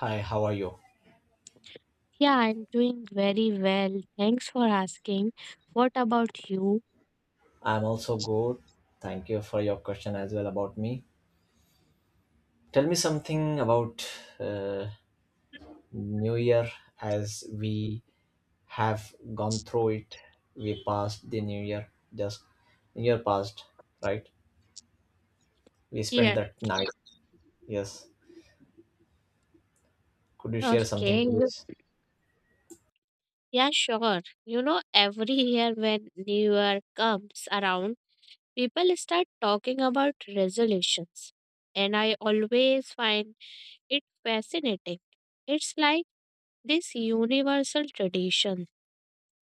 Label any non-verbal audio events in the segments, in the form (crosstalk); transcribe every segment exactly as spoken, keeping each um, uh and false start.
Hi, how are you? Yeah, I'm doing very well. Thanks for asking. What about you? I'm also good. Thank you for your question as well about me. Tell me something about uh, New Year as we have gone through it. We passed the New Year, just New Year passed, right? We spent Yeah. that night. Yes. Could you share something, Okay. well- please? Yeah, sure. You know, every year when New Year comes around, people start talking about resolutions. And I always find it fascinating. It's like this universal tradition.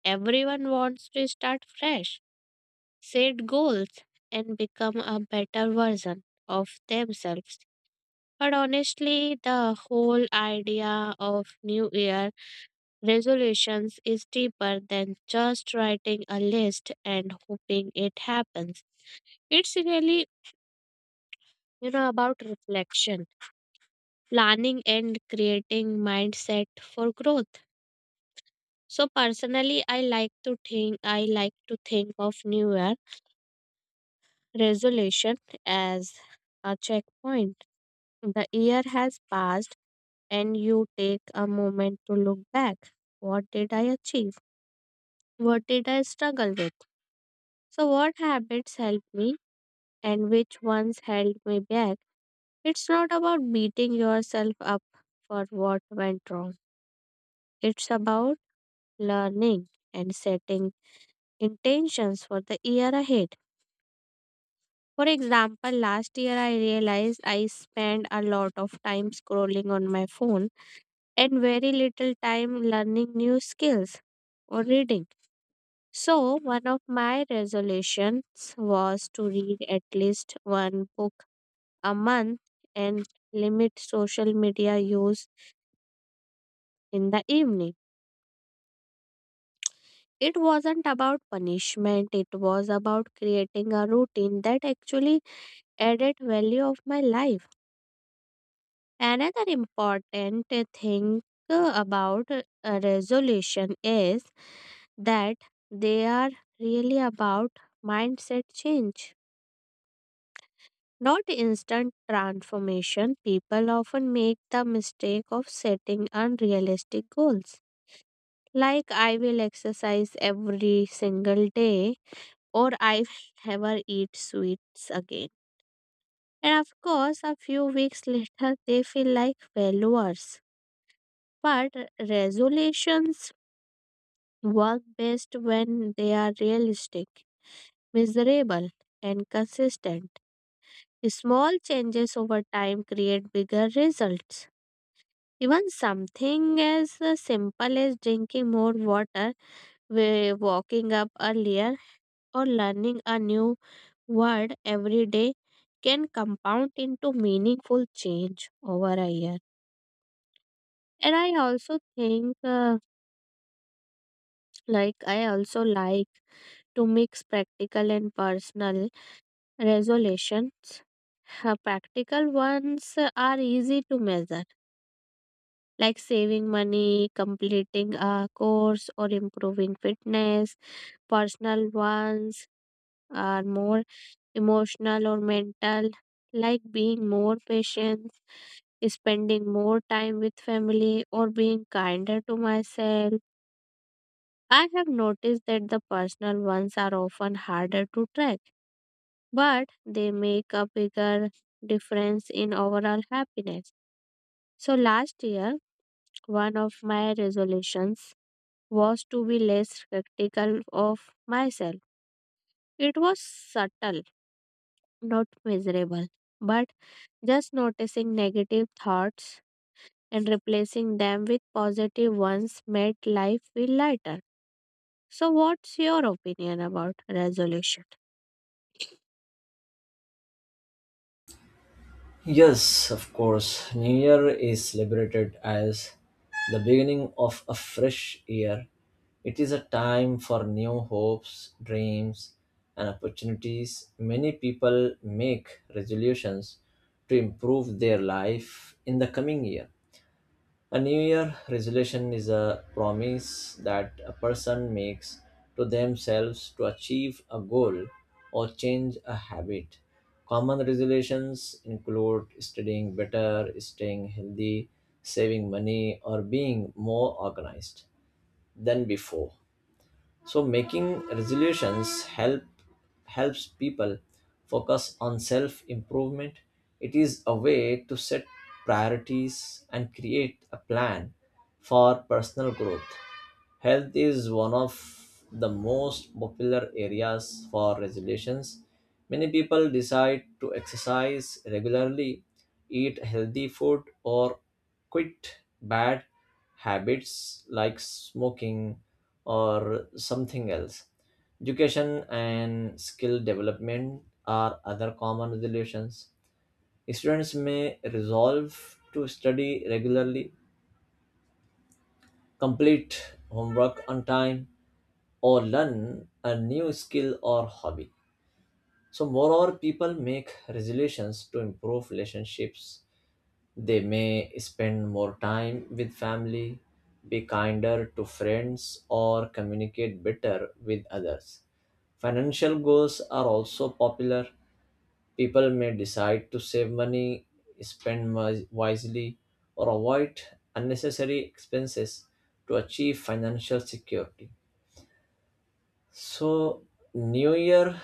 Everyone wants to start fresh, set goals, and become a better version of themselves. But honestly, the whole idea of New Year resolutions is deeper than just writing a list and hoping it happens. It's really, you know, about reflection, planning, and creating mindset for growth. So personally, I like to think I like to think of New Year resolution as a checkpoint. The year has passed, and you take a moment to look back. What did I achieve? What did I struggle with? So, what habits helped me and which ones held me back? It's not about beating yourself up for what went wrong, it's about learning and setting intentions for the year ahead. For example, last year I realized I spent a lot of time scrolling on my phone and very little time learning new skills or reading. So, one of my resolutions was to read at least one book a month and limit social media use in the evening. It wasn't about punishment, it was about creating a routine that actually added value of my life. Another important uh, thing uh, about uh, a resolution is that they are really about mindset change. Not instant transformation, people often make the mistake of setting unrealistic goals. Like, I will exercise every single day, or I will never eat sweets again. And of course, a few weeks later, they feel like failures. But resolutions work best when they are realistic miserable, and consistent. Small changes over time create bigger results. Even something as uh, simple as drinking more water, wa- walking up earlier, or learning a new word every day can compound into meaningful change over a year. And I also think, uh, like, I also like to mix practical and personal resolutions. Uh, practical ones uh, are easy to measure, like saving money, completing a course, or improving fitness. Personal ones are more emotional or mental, like being more patient, spending more time with family, or being kinder to myself. I have noticed that the personal ones are often harder to track, but they make a bigger difference in overall happiness. So last year, one of my resolutions was to be less critical of myself. It was subtle not miserable, but just noticing negative thoughts and replacing them with positive ones made life feel lighter. So, what's your opinion about resolution? Yes, of course. New Year is celebrated as the beginning of a fresh year. It is a time for new hopes, dreams, and opportunities. Many people make resolutions to improve their life in the coming year. A New Year resolution is a promise that a person makes to themselves to achieve a goal or change a habit. Common resolutions include studying better, staying healthy, saving money, or being more organized than before. So making resolutions help helps people focus on self improvement. It is a way to set priorities and create a plan for personal growth. Health is one of the most popular areas for resolutions. Many people decide to exercise regularly, eat healthy food, or quit bad habits like smoking or something else. Education and skill development are other common resolutions. Students may resolve to study regularly, complete homework on time, or learn a new skill or hobby. So, moreover, people make resolutions to improve relationships. They may spend more time with family, be kinder to friends, or communicate better with others. Financial goals are also popular. People may decide to save money, spend wis- wisely, or avoid unnecessary expenses to achieve financial security. So, New Year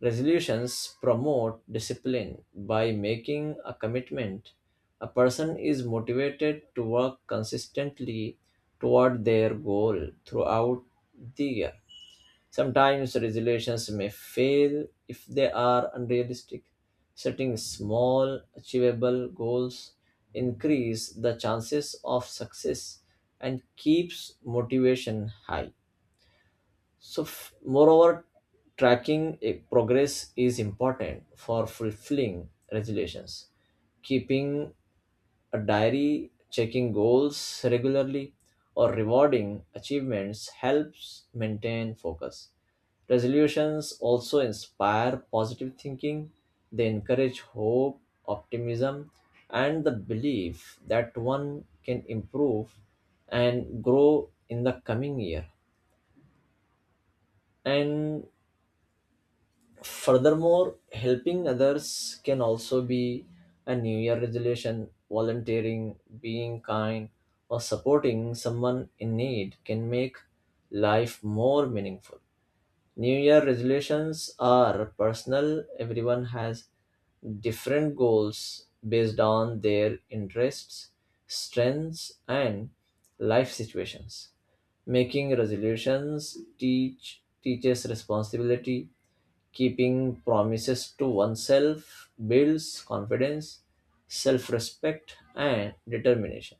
resolutions promote discipline by making a commitment. A person is motivated to work consistently toward their goal throughout the year. Sometimes resolutions may fail if they are unrealistic. Setting small, achievable goals increase the chances of success and keeps motivation high. So, f- moreover, tracking a progress is important for fulfilling resolutions. Keeping a diary, checking goals regularly, or rewarding achievements helps maintain focus. Resolutions also inspire positive thinking. They encourage hope, optimism, and the belief that one can improve and grow in the coming year. And furthermore, helping others can also be a New Year resolution. Volunteering, being kind, or supporting someone in need can make life more meaningful. New Year resolutions are personal. Everyone has different goals based on their interests, strengths, and life situations. Making resolutions teach teaches responsibility. Keeping promises to oneself builds confidence, self respect, and determination.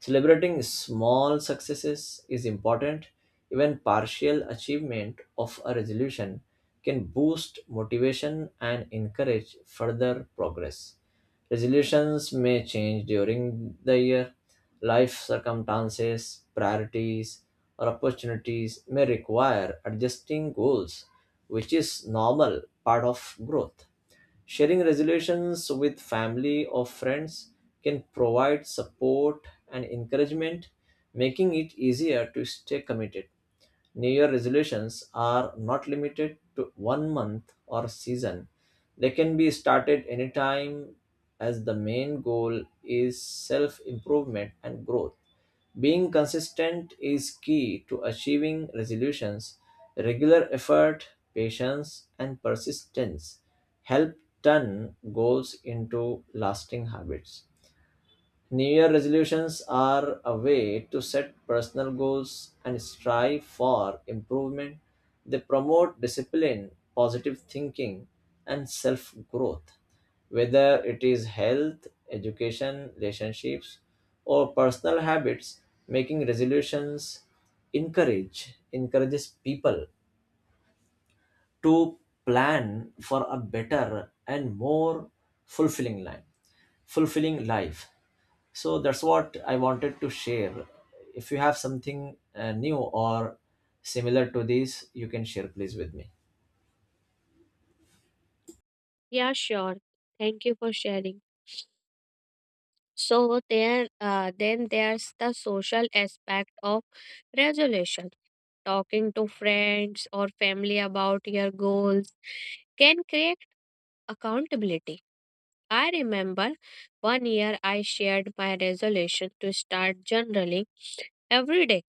Celebrating small successes is important. Even partial achievement of a resolution can boost motivation and encourage further progress. Resolutions may change during the year. Life circumstances, priorities, or opportunities may require adjusting goals, which is normal part of growth. Sharing resolutions with family or friends can provide support and encouragement, making it easier to stay committed. New Year resolutions are not limited to one month or season. They can be started anytime, as the main goal is self improvement and growth. Being consistent is key to achieving resolutions. Regular effort, patience, and persistence help turn goals into lasting habits. New Year resolutions are a way to set personal goals and strive for improvement. They promote discipline, positive thinking, and self growth, whether it is health, education, relationships, or personal habits. Making resolutions encourage encourages people to plan for a better and more fulfilling life fulfilling life. So that's what I wanted to share. If you have something uh, new or similar to this, you can share please with me. Yeah, sure. Thank you for sharing. So there, uh, then there's the social aspect of resolution. Talking to friends or family about your goals can create accountability. I remember one year I shared my resolution to start journaling every day,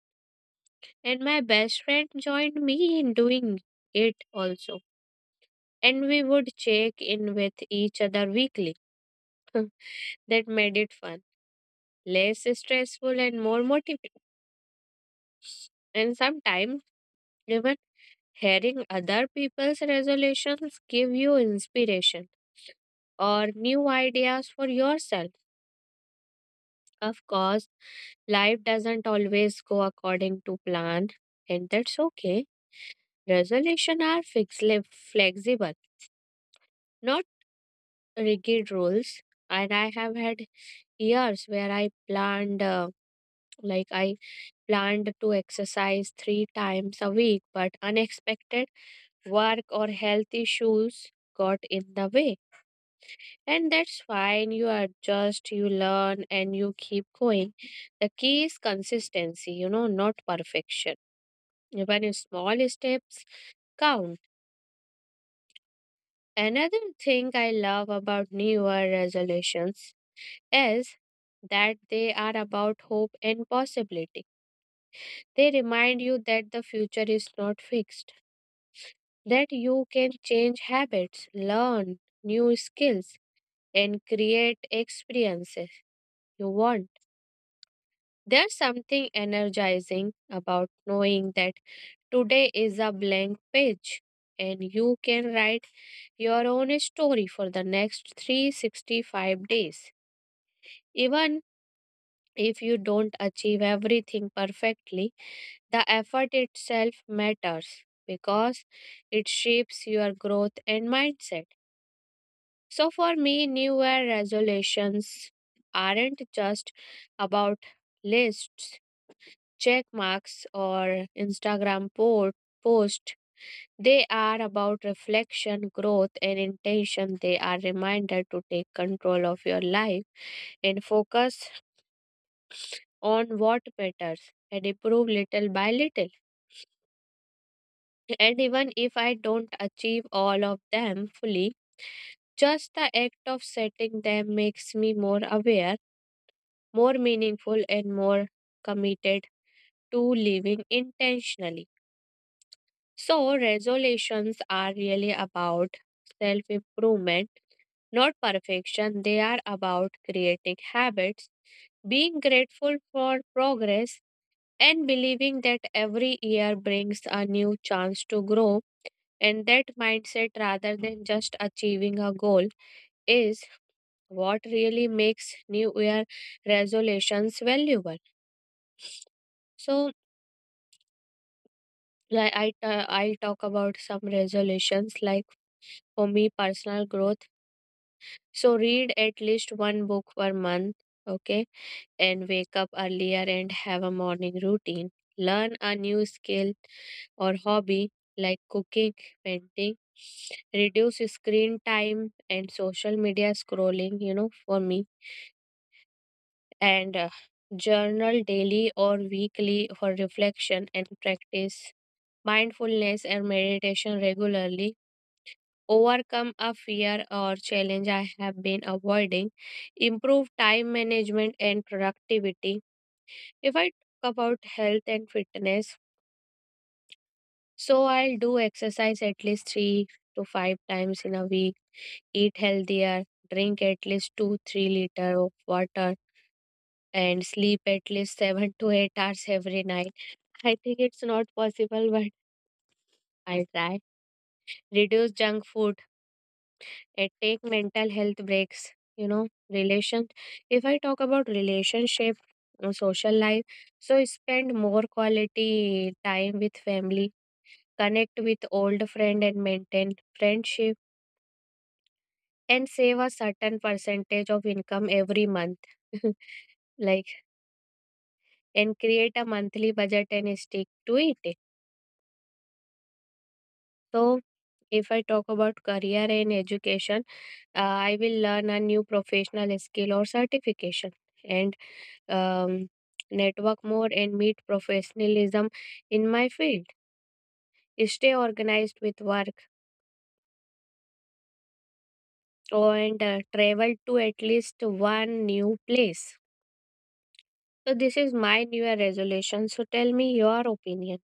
and my best friend joined me in doing it also. And we would check in with each other weekly. (laughs) That made it fun, less stressful, and more motivating. And sometimes, even hearing other people's resolutions give you inspiration or new ideas for yourself. Of course, life doesn't always go according to plan, and that's okay. Resolution are flexi- flexible, not rigid rules. And I have had years where I planned, uh, like I planned to exercise three times a week, but unexpected work or health issues got in the way. And that's fine. You adjust, you learn, and you keep going. The key is consistency, you know, not perfection. Even small steps count. Another thing I love about New Year resolutions is that they are about hope and possibility. They remind you that the future is not fixed, that you can change habits, learn new skills, and create experiences you want. There's something energizing about knowing that today is a blank page, and you can write your own story for the next three hundred sixty-five days. Even if you don't achieve everything perfectly, the effort itself matters because it shapes your growth and mindset. So, for me, New Year resolutions aren't just about lists, check marks, or Instagram po- posts. They are about reflection, growth, and intention. They are reminded to take control of your life and focus on what matters and improve little by little. And even if I don't achieve all of them fully, just the act of setting them makes me more aware, more meaningful, and more committed to living intentionally. So, resolutions are really about self improvement not perfection. They are about creating habits, being grateful for progress, and believing that every year brings a new chance to grow. And that mindset, rather than just achieving a goal, is what really makes New Year resolutions valuable. So, like I, ta- I'll talk about some resolutions like for me personal growth. So, read at least one book per month. Okay, and wake up earlier and have a morning routine. Learn a new skill or hobby like cooking, painting. Reduce screen time and social media scrolling, you know, for me. And uh, journal daily or weekly for reflection and practice mindfulness and meditation regularly. Overcome a fear or challenge I have been avoiding. Improve time management and productivity. If I talk about health and fitness, so I'll do exercise at least three to five times in a week, eat healthier, drink at least two, three liter of water, and sleep at least seven to eight hours every night. I think it's not possible, but I'll try. Reduce junk food and take mental health breaks. You know, relation. If I talk about relationship, or social life, so spend more quality time with family, connect with old friend and maintain friendship, and save a certain percentage of income every month (laughs) like, and create a monthly budget and stick to it. So if I talk about career and education, uh, I will learn a new professional skill or certification, and um, network more and meet professionalism in my field, stay organized with work, or and uh, travel to at least one new place. So this is my new year resolution. So tell me your opinion.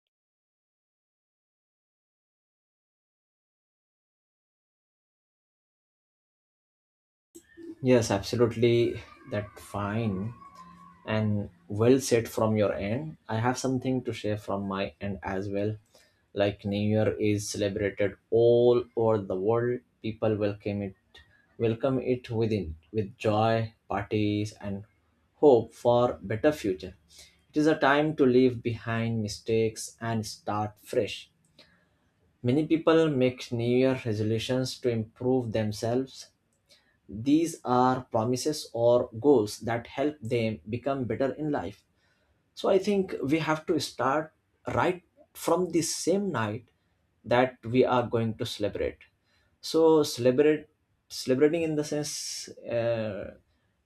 Yes, absolutely. That fine. And well said from your end. I have something to share from my end as well. Like, New Year is celebrated all over the world. People welcome it welcome it within with joy, parties, and hope for better future. It is a time to leave behind mistakes and start fresh. Many people make New Year resolutions to improve themselves. These are promises or goals that help them become better in life. So I think we have to start right from the same night that we are going to celebrate. So celebrate celebrating in the sense, uh,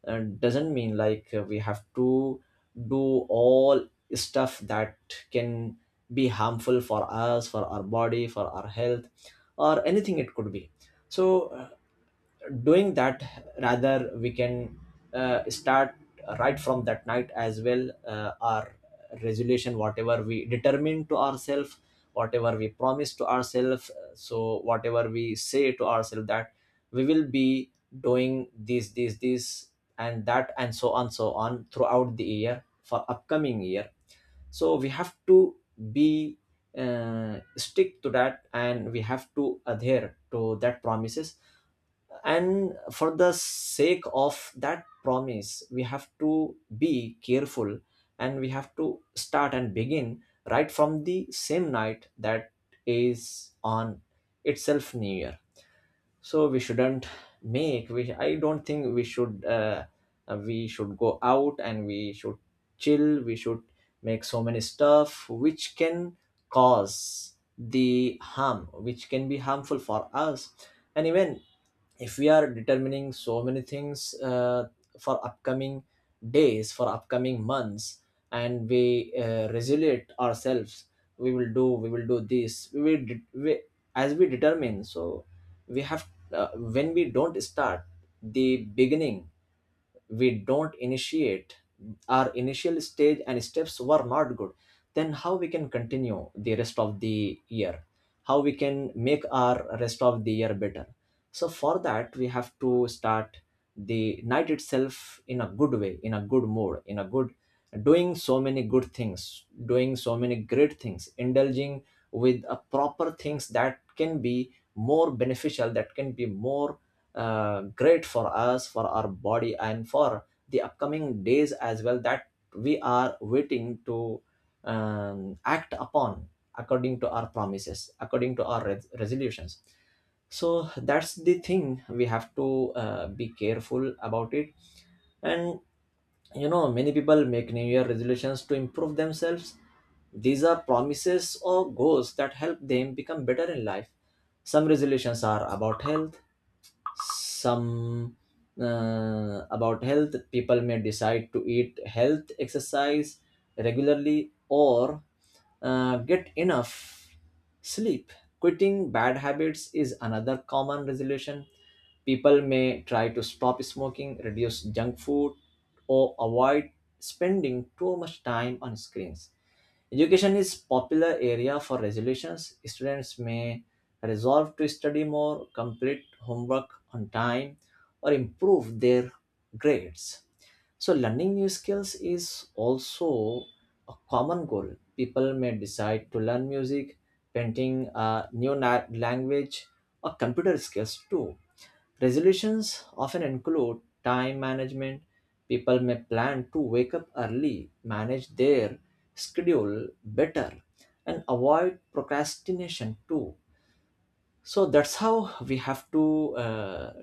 uh, doesn't mean like, uh, we have to do all stuff that can be harmful for us, for our body, for our health, or anything it could be. So, uh, doing that, rather we can uh, start right from that night as well, uh, our resolution, whatever we determine to ourselves, whatever we promise to ourselves. So whatever we say to ourselves, that we will be doing this, this, this and that, and so on, so on throughout the year for upcoming year. So we have to be uh, stick to that, and we have to adhere to that promises, and for the sake of that promise we have to be careful, and we have to start and begin right from the same night, that is on itself new year. So we shouldn't make we I don't think we should uh, uh, we should go out and we should chill, we should make so many stuff which can cause the harm, which can be harmful for us. And even if we are determining so many things, uh, for upcoming days, for upcoming months, and we uh, resolute ourselves, we will do we will do this, we will de- we, as we determine. So we have uh, when we don't start the beginning, we don't initiate, our initial stage and steps were not good, then how we can continue the rest of the year, how we can make our rest of the year better. So for that we have to start the night itself in a good way, in a good mood, in a good, doing so many good things, doing so many great things, indulging with a proper things that can be more beneficial, that can be more uh, great for us, for our body and for the upcoming days as well, that we are waiting to um, act upon according to our promises, according to our res- resolutions. So that's the thing we have to uh, be careful about it. And you know, many people make new year resolutions to improve themselves. These are promises or goals that help them become better in life. Some resolutions are about health. Some uh, About health, people may decide to eat health, exercise regularly, or uh, get enough sleep. Quitting bad habits is another common resolution. People may try to stop smoking, reduce junk food, or avoid spending too much time on screens. Education is popular area for resolutions. Students may resolve to study more, complete homework on time, or improve their grades. So learning new skills is also a common goal. People may decide to learn music, painting, a new na- language, or computer skills too. Resolutions often include time management. People may plan to wake up early, manage their schedule better, and avoid procrastination too. So that's how we have to uh,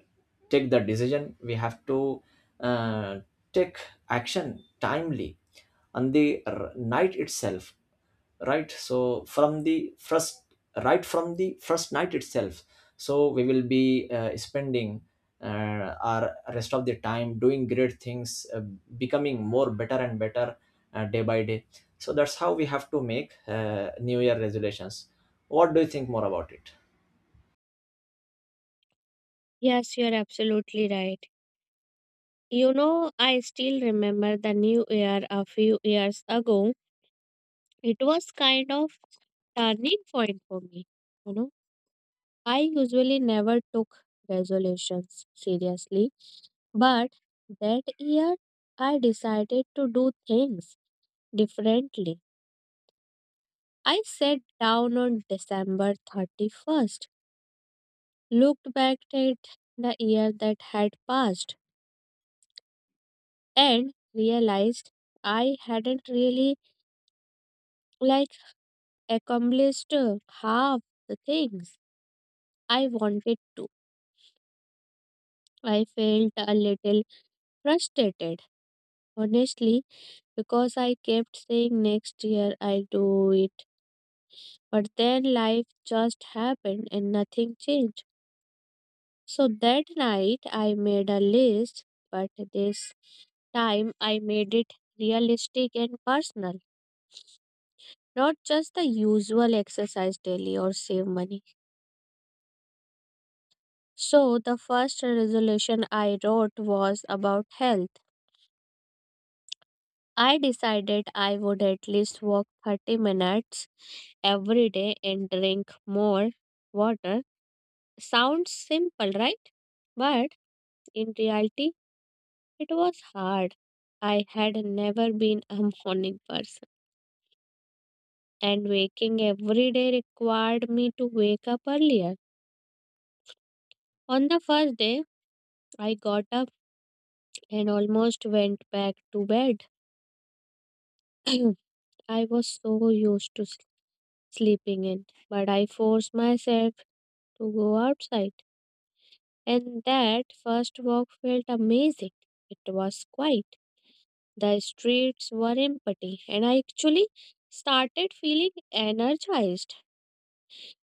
take the decision. We have to uh, take action timely on the r- night itself, right? So from the first, right from the first night itself, so we will be uh, spending uh, our rest of the time doing great things, uh, becoming more better and better, uh, day by day. So that's how we have to make uh, new year resolutions. What do you think more about it? Yes, you're absolutely right. You know, I still remember the new year a few years ago. It was kind of turning point for me. You know, I usually never took resolutions seriously, but that year I decided to do things differently. I sat down on December thirty-first, looked back at the year that had passed, and realized I hadn't really like accomplished uh, half the things I wanted to. I felt a little frustrated, honestly, because I kept saying next year I'll do it. But then life just happened and nothing changed. So that night I made a list, but this time I made it realistic and personal. Not just the usual exercise daily or save money. So, the first resolution I wrote was about health. I decided I would at least walk thirty minutes every day and drink more water. Sounds simple, right? But in reality, it was hard. I had never been a (laughs) morning person, and waking every day required me to wake up earlier. On the first day, I got up and almost went back to bed. (clears throat) I was so used to s- sleeping in, but I forced myself to go outside. And that first walk felt amazing. It was quiet. The streets were empty, and I actually started feeling energized.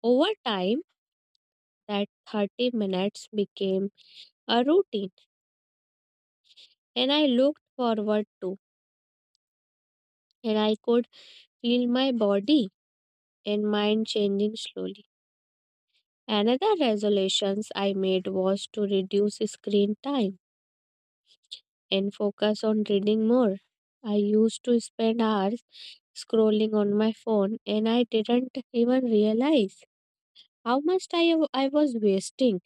Over time, that thirty minutes became a routine, and I looked forward to, and I could feel my body and mind changing slowly. Another resolutions I made was to reduce screen time and focus on reading more. I used to spend hours scrolling on my phone and I didn't even realize how much time I was wasting.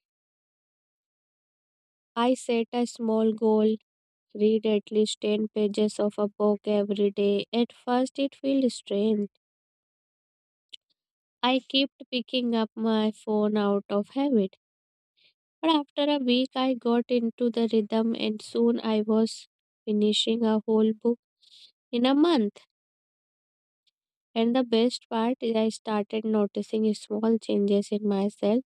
I set a small goal, read at least ten pages of a book every day. At first it felt strange. I kept picking up my phone out of habit. But after a week, I got into the rhythm, and soon I was finishing a whole book in a month. And the best part is, I started noticing small changes in myself.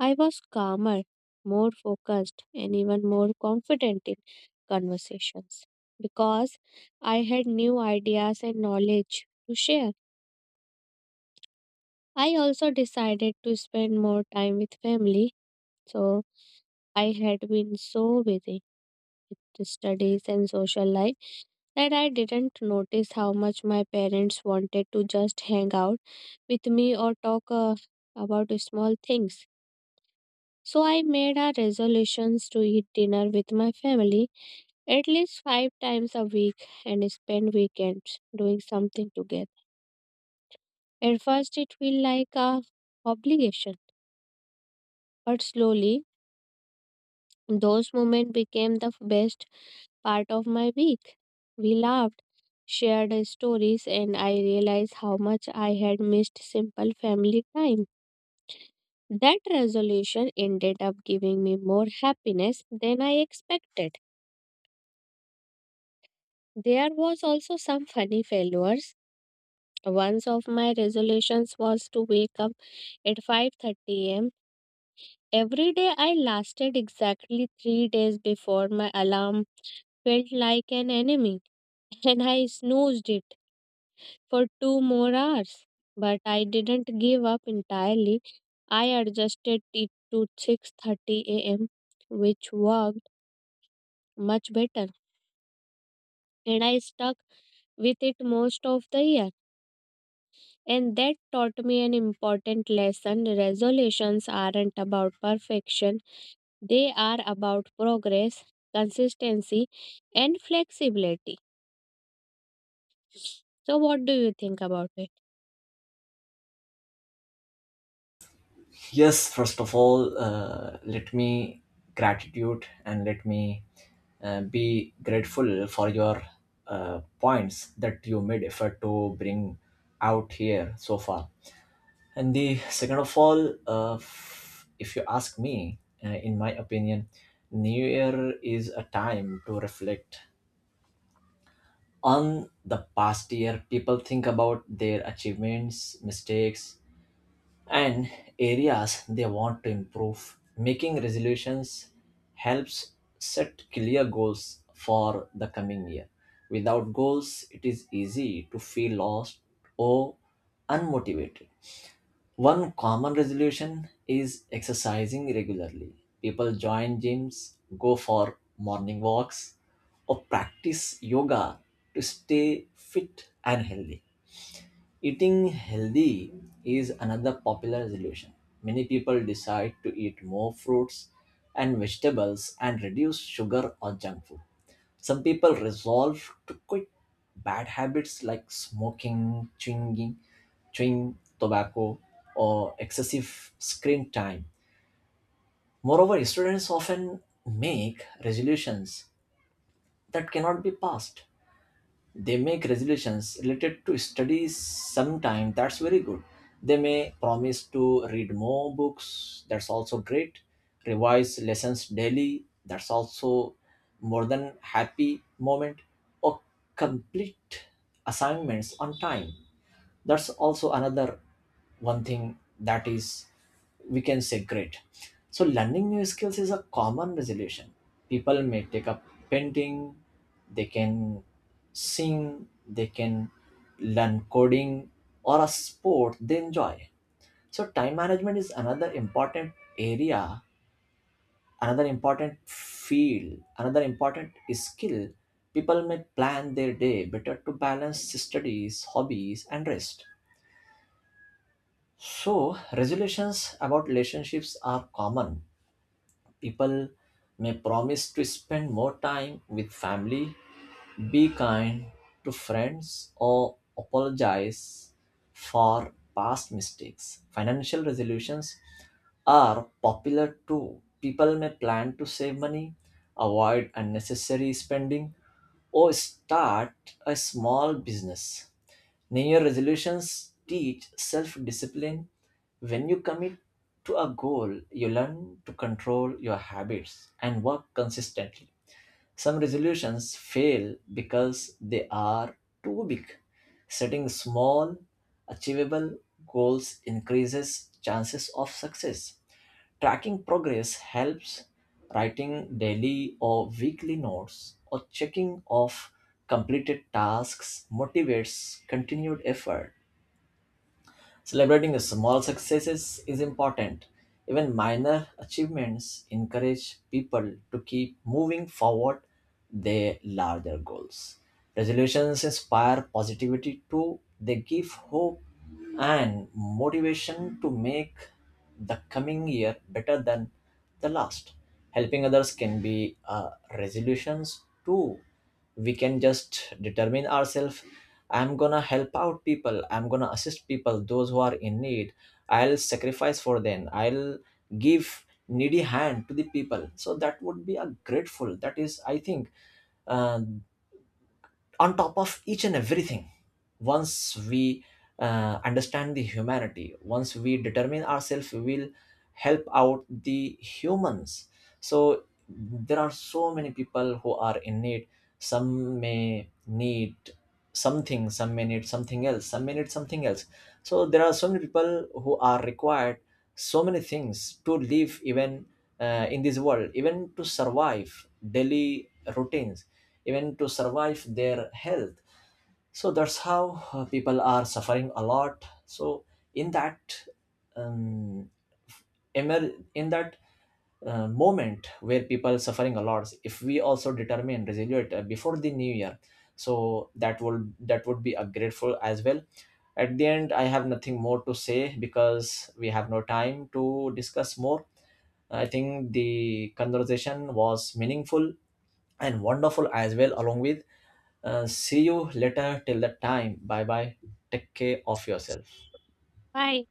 I was calmer, more focused, and even more confident in conversations because I had new ideas and knowledge to share. I also decided to spend more time with family. So I had been so busy studies, and social life that I didn't notice how much my parents wanted to just hang out with me or talk uh, about small things. So I made a resolutions to eat dinner with my family at least five times a week and spend weekends doing something together. At first it felt like a obligation, but slowly those moments became the best part of my week. We laughed, shared stories, and I realized how much I had missed simple family time. That resolution ended up giving me more happiness than I expected. There was also some funny failures. One of my resolutions was to wake up at five thirty a m every day. I lasted exactly three days before my alarm felt like an enemy, and I snoozed it for two more hours. But I didn't give up entirely. I adjusted it to six thirty a m, which worked much better, and I stuck with it most of the year. And that taught me an important lesson. Resolutions aren't about perfection, they are about progress, consistency, and flexibility. So, what do you think about it? Yes, first of all, uh, let me gratitude and let me uh, be grateful for your uh, points that you made effort to bring out here so far. And the second of all, uh, f- if you ask me, uh, in my opinion, New Year is a time to reflect on the past year. People think about their achievements, mistakes, and areas they want to improve. Making resolutions helps set clear goals for the coming year. Without goals, it is easy to feel lost or unmotivated. One common resolution is exercising regularly. People join gyms, go for morning walks, or practice yoga to stay fit and healthy. Eating healthy is another popular resolution. Many people decide to eat more fruits and vegetables and reduce sugar or junk food. Some people resolve to quit bad habits like smoking, chewing, chewing tobacco, or excessive screen time. Moreover, students often make resolutions that cannot be passed. They make resolutions related to studies sometime, that's very good. They may promise to read more books, that's also great. Revise lessons daily, that's also more than happy moment. Or complete assignments on time, that's also another one thing that is, we can say, great. So learning new skills is a common resolution. People may take up painting, they can sing, they can learn coding, or a sport they enjoy. So time management is another important area, another important field, another important skill. People may plan their day better to balance studies, hobbies, and rest. So, resolutions about relationships are common. People may promise to spend more time with family, be kind to friends, or apologize for past mistakes. Financial resolutions are popular too. People may plan to save money, avoid unnecessary spending, or start a small business. New Year resolutions teach self discipline. When you commit to a goal, you learn to control your habits and work consistently. Some resolutions fail because they are too big. Setting small, achievable goals increases chances of success. Tracking progress helps. Writing daily or weekly notes or checking off completed tasks motivates continued effort. Celebrating the small successes is important. Even minor achievements encourage people to keep moving forward their larger goals. Resolutions inspire positivity too. They give hope and motivation to make the coming year better than the last. Helping others can be, uh, resolutions too. We can just determine ourselves, I'm gonna help out people. I'm gonna assist people, those who are in need. I'll sacrifice for them. I'll give needy hand to the people. So that would be a grateful. That is, I think, uh, on top of each and everything, once we uh, understand the humanity, once we determine ourselves we will help out the humans. So there are so many people who are in need. Some may need something, some may need something else, some may need something else. So there are so many people who are required so many things to live, even uh, in this world, even to survive daily routines, even to survive their health. So that's how uh, people are suffering a lot. So in that um, emer- in that uh, moment where people suffering a lot, if we also determine resolute uh, before the new year, so that will that would be a grateful as well. At the end, I have nothing more to say because we have no time to discuss more. I think the conversation was meaningful and wonderful as well. Along with, uh, see you later, till that time. Bye bye, take care of yourself. Bye.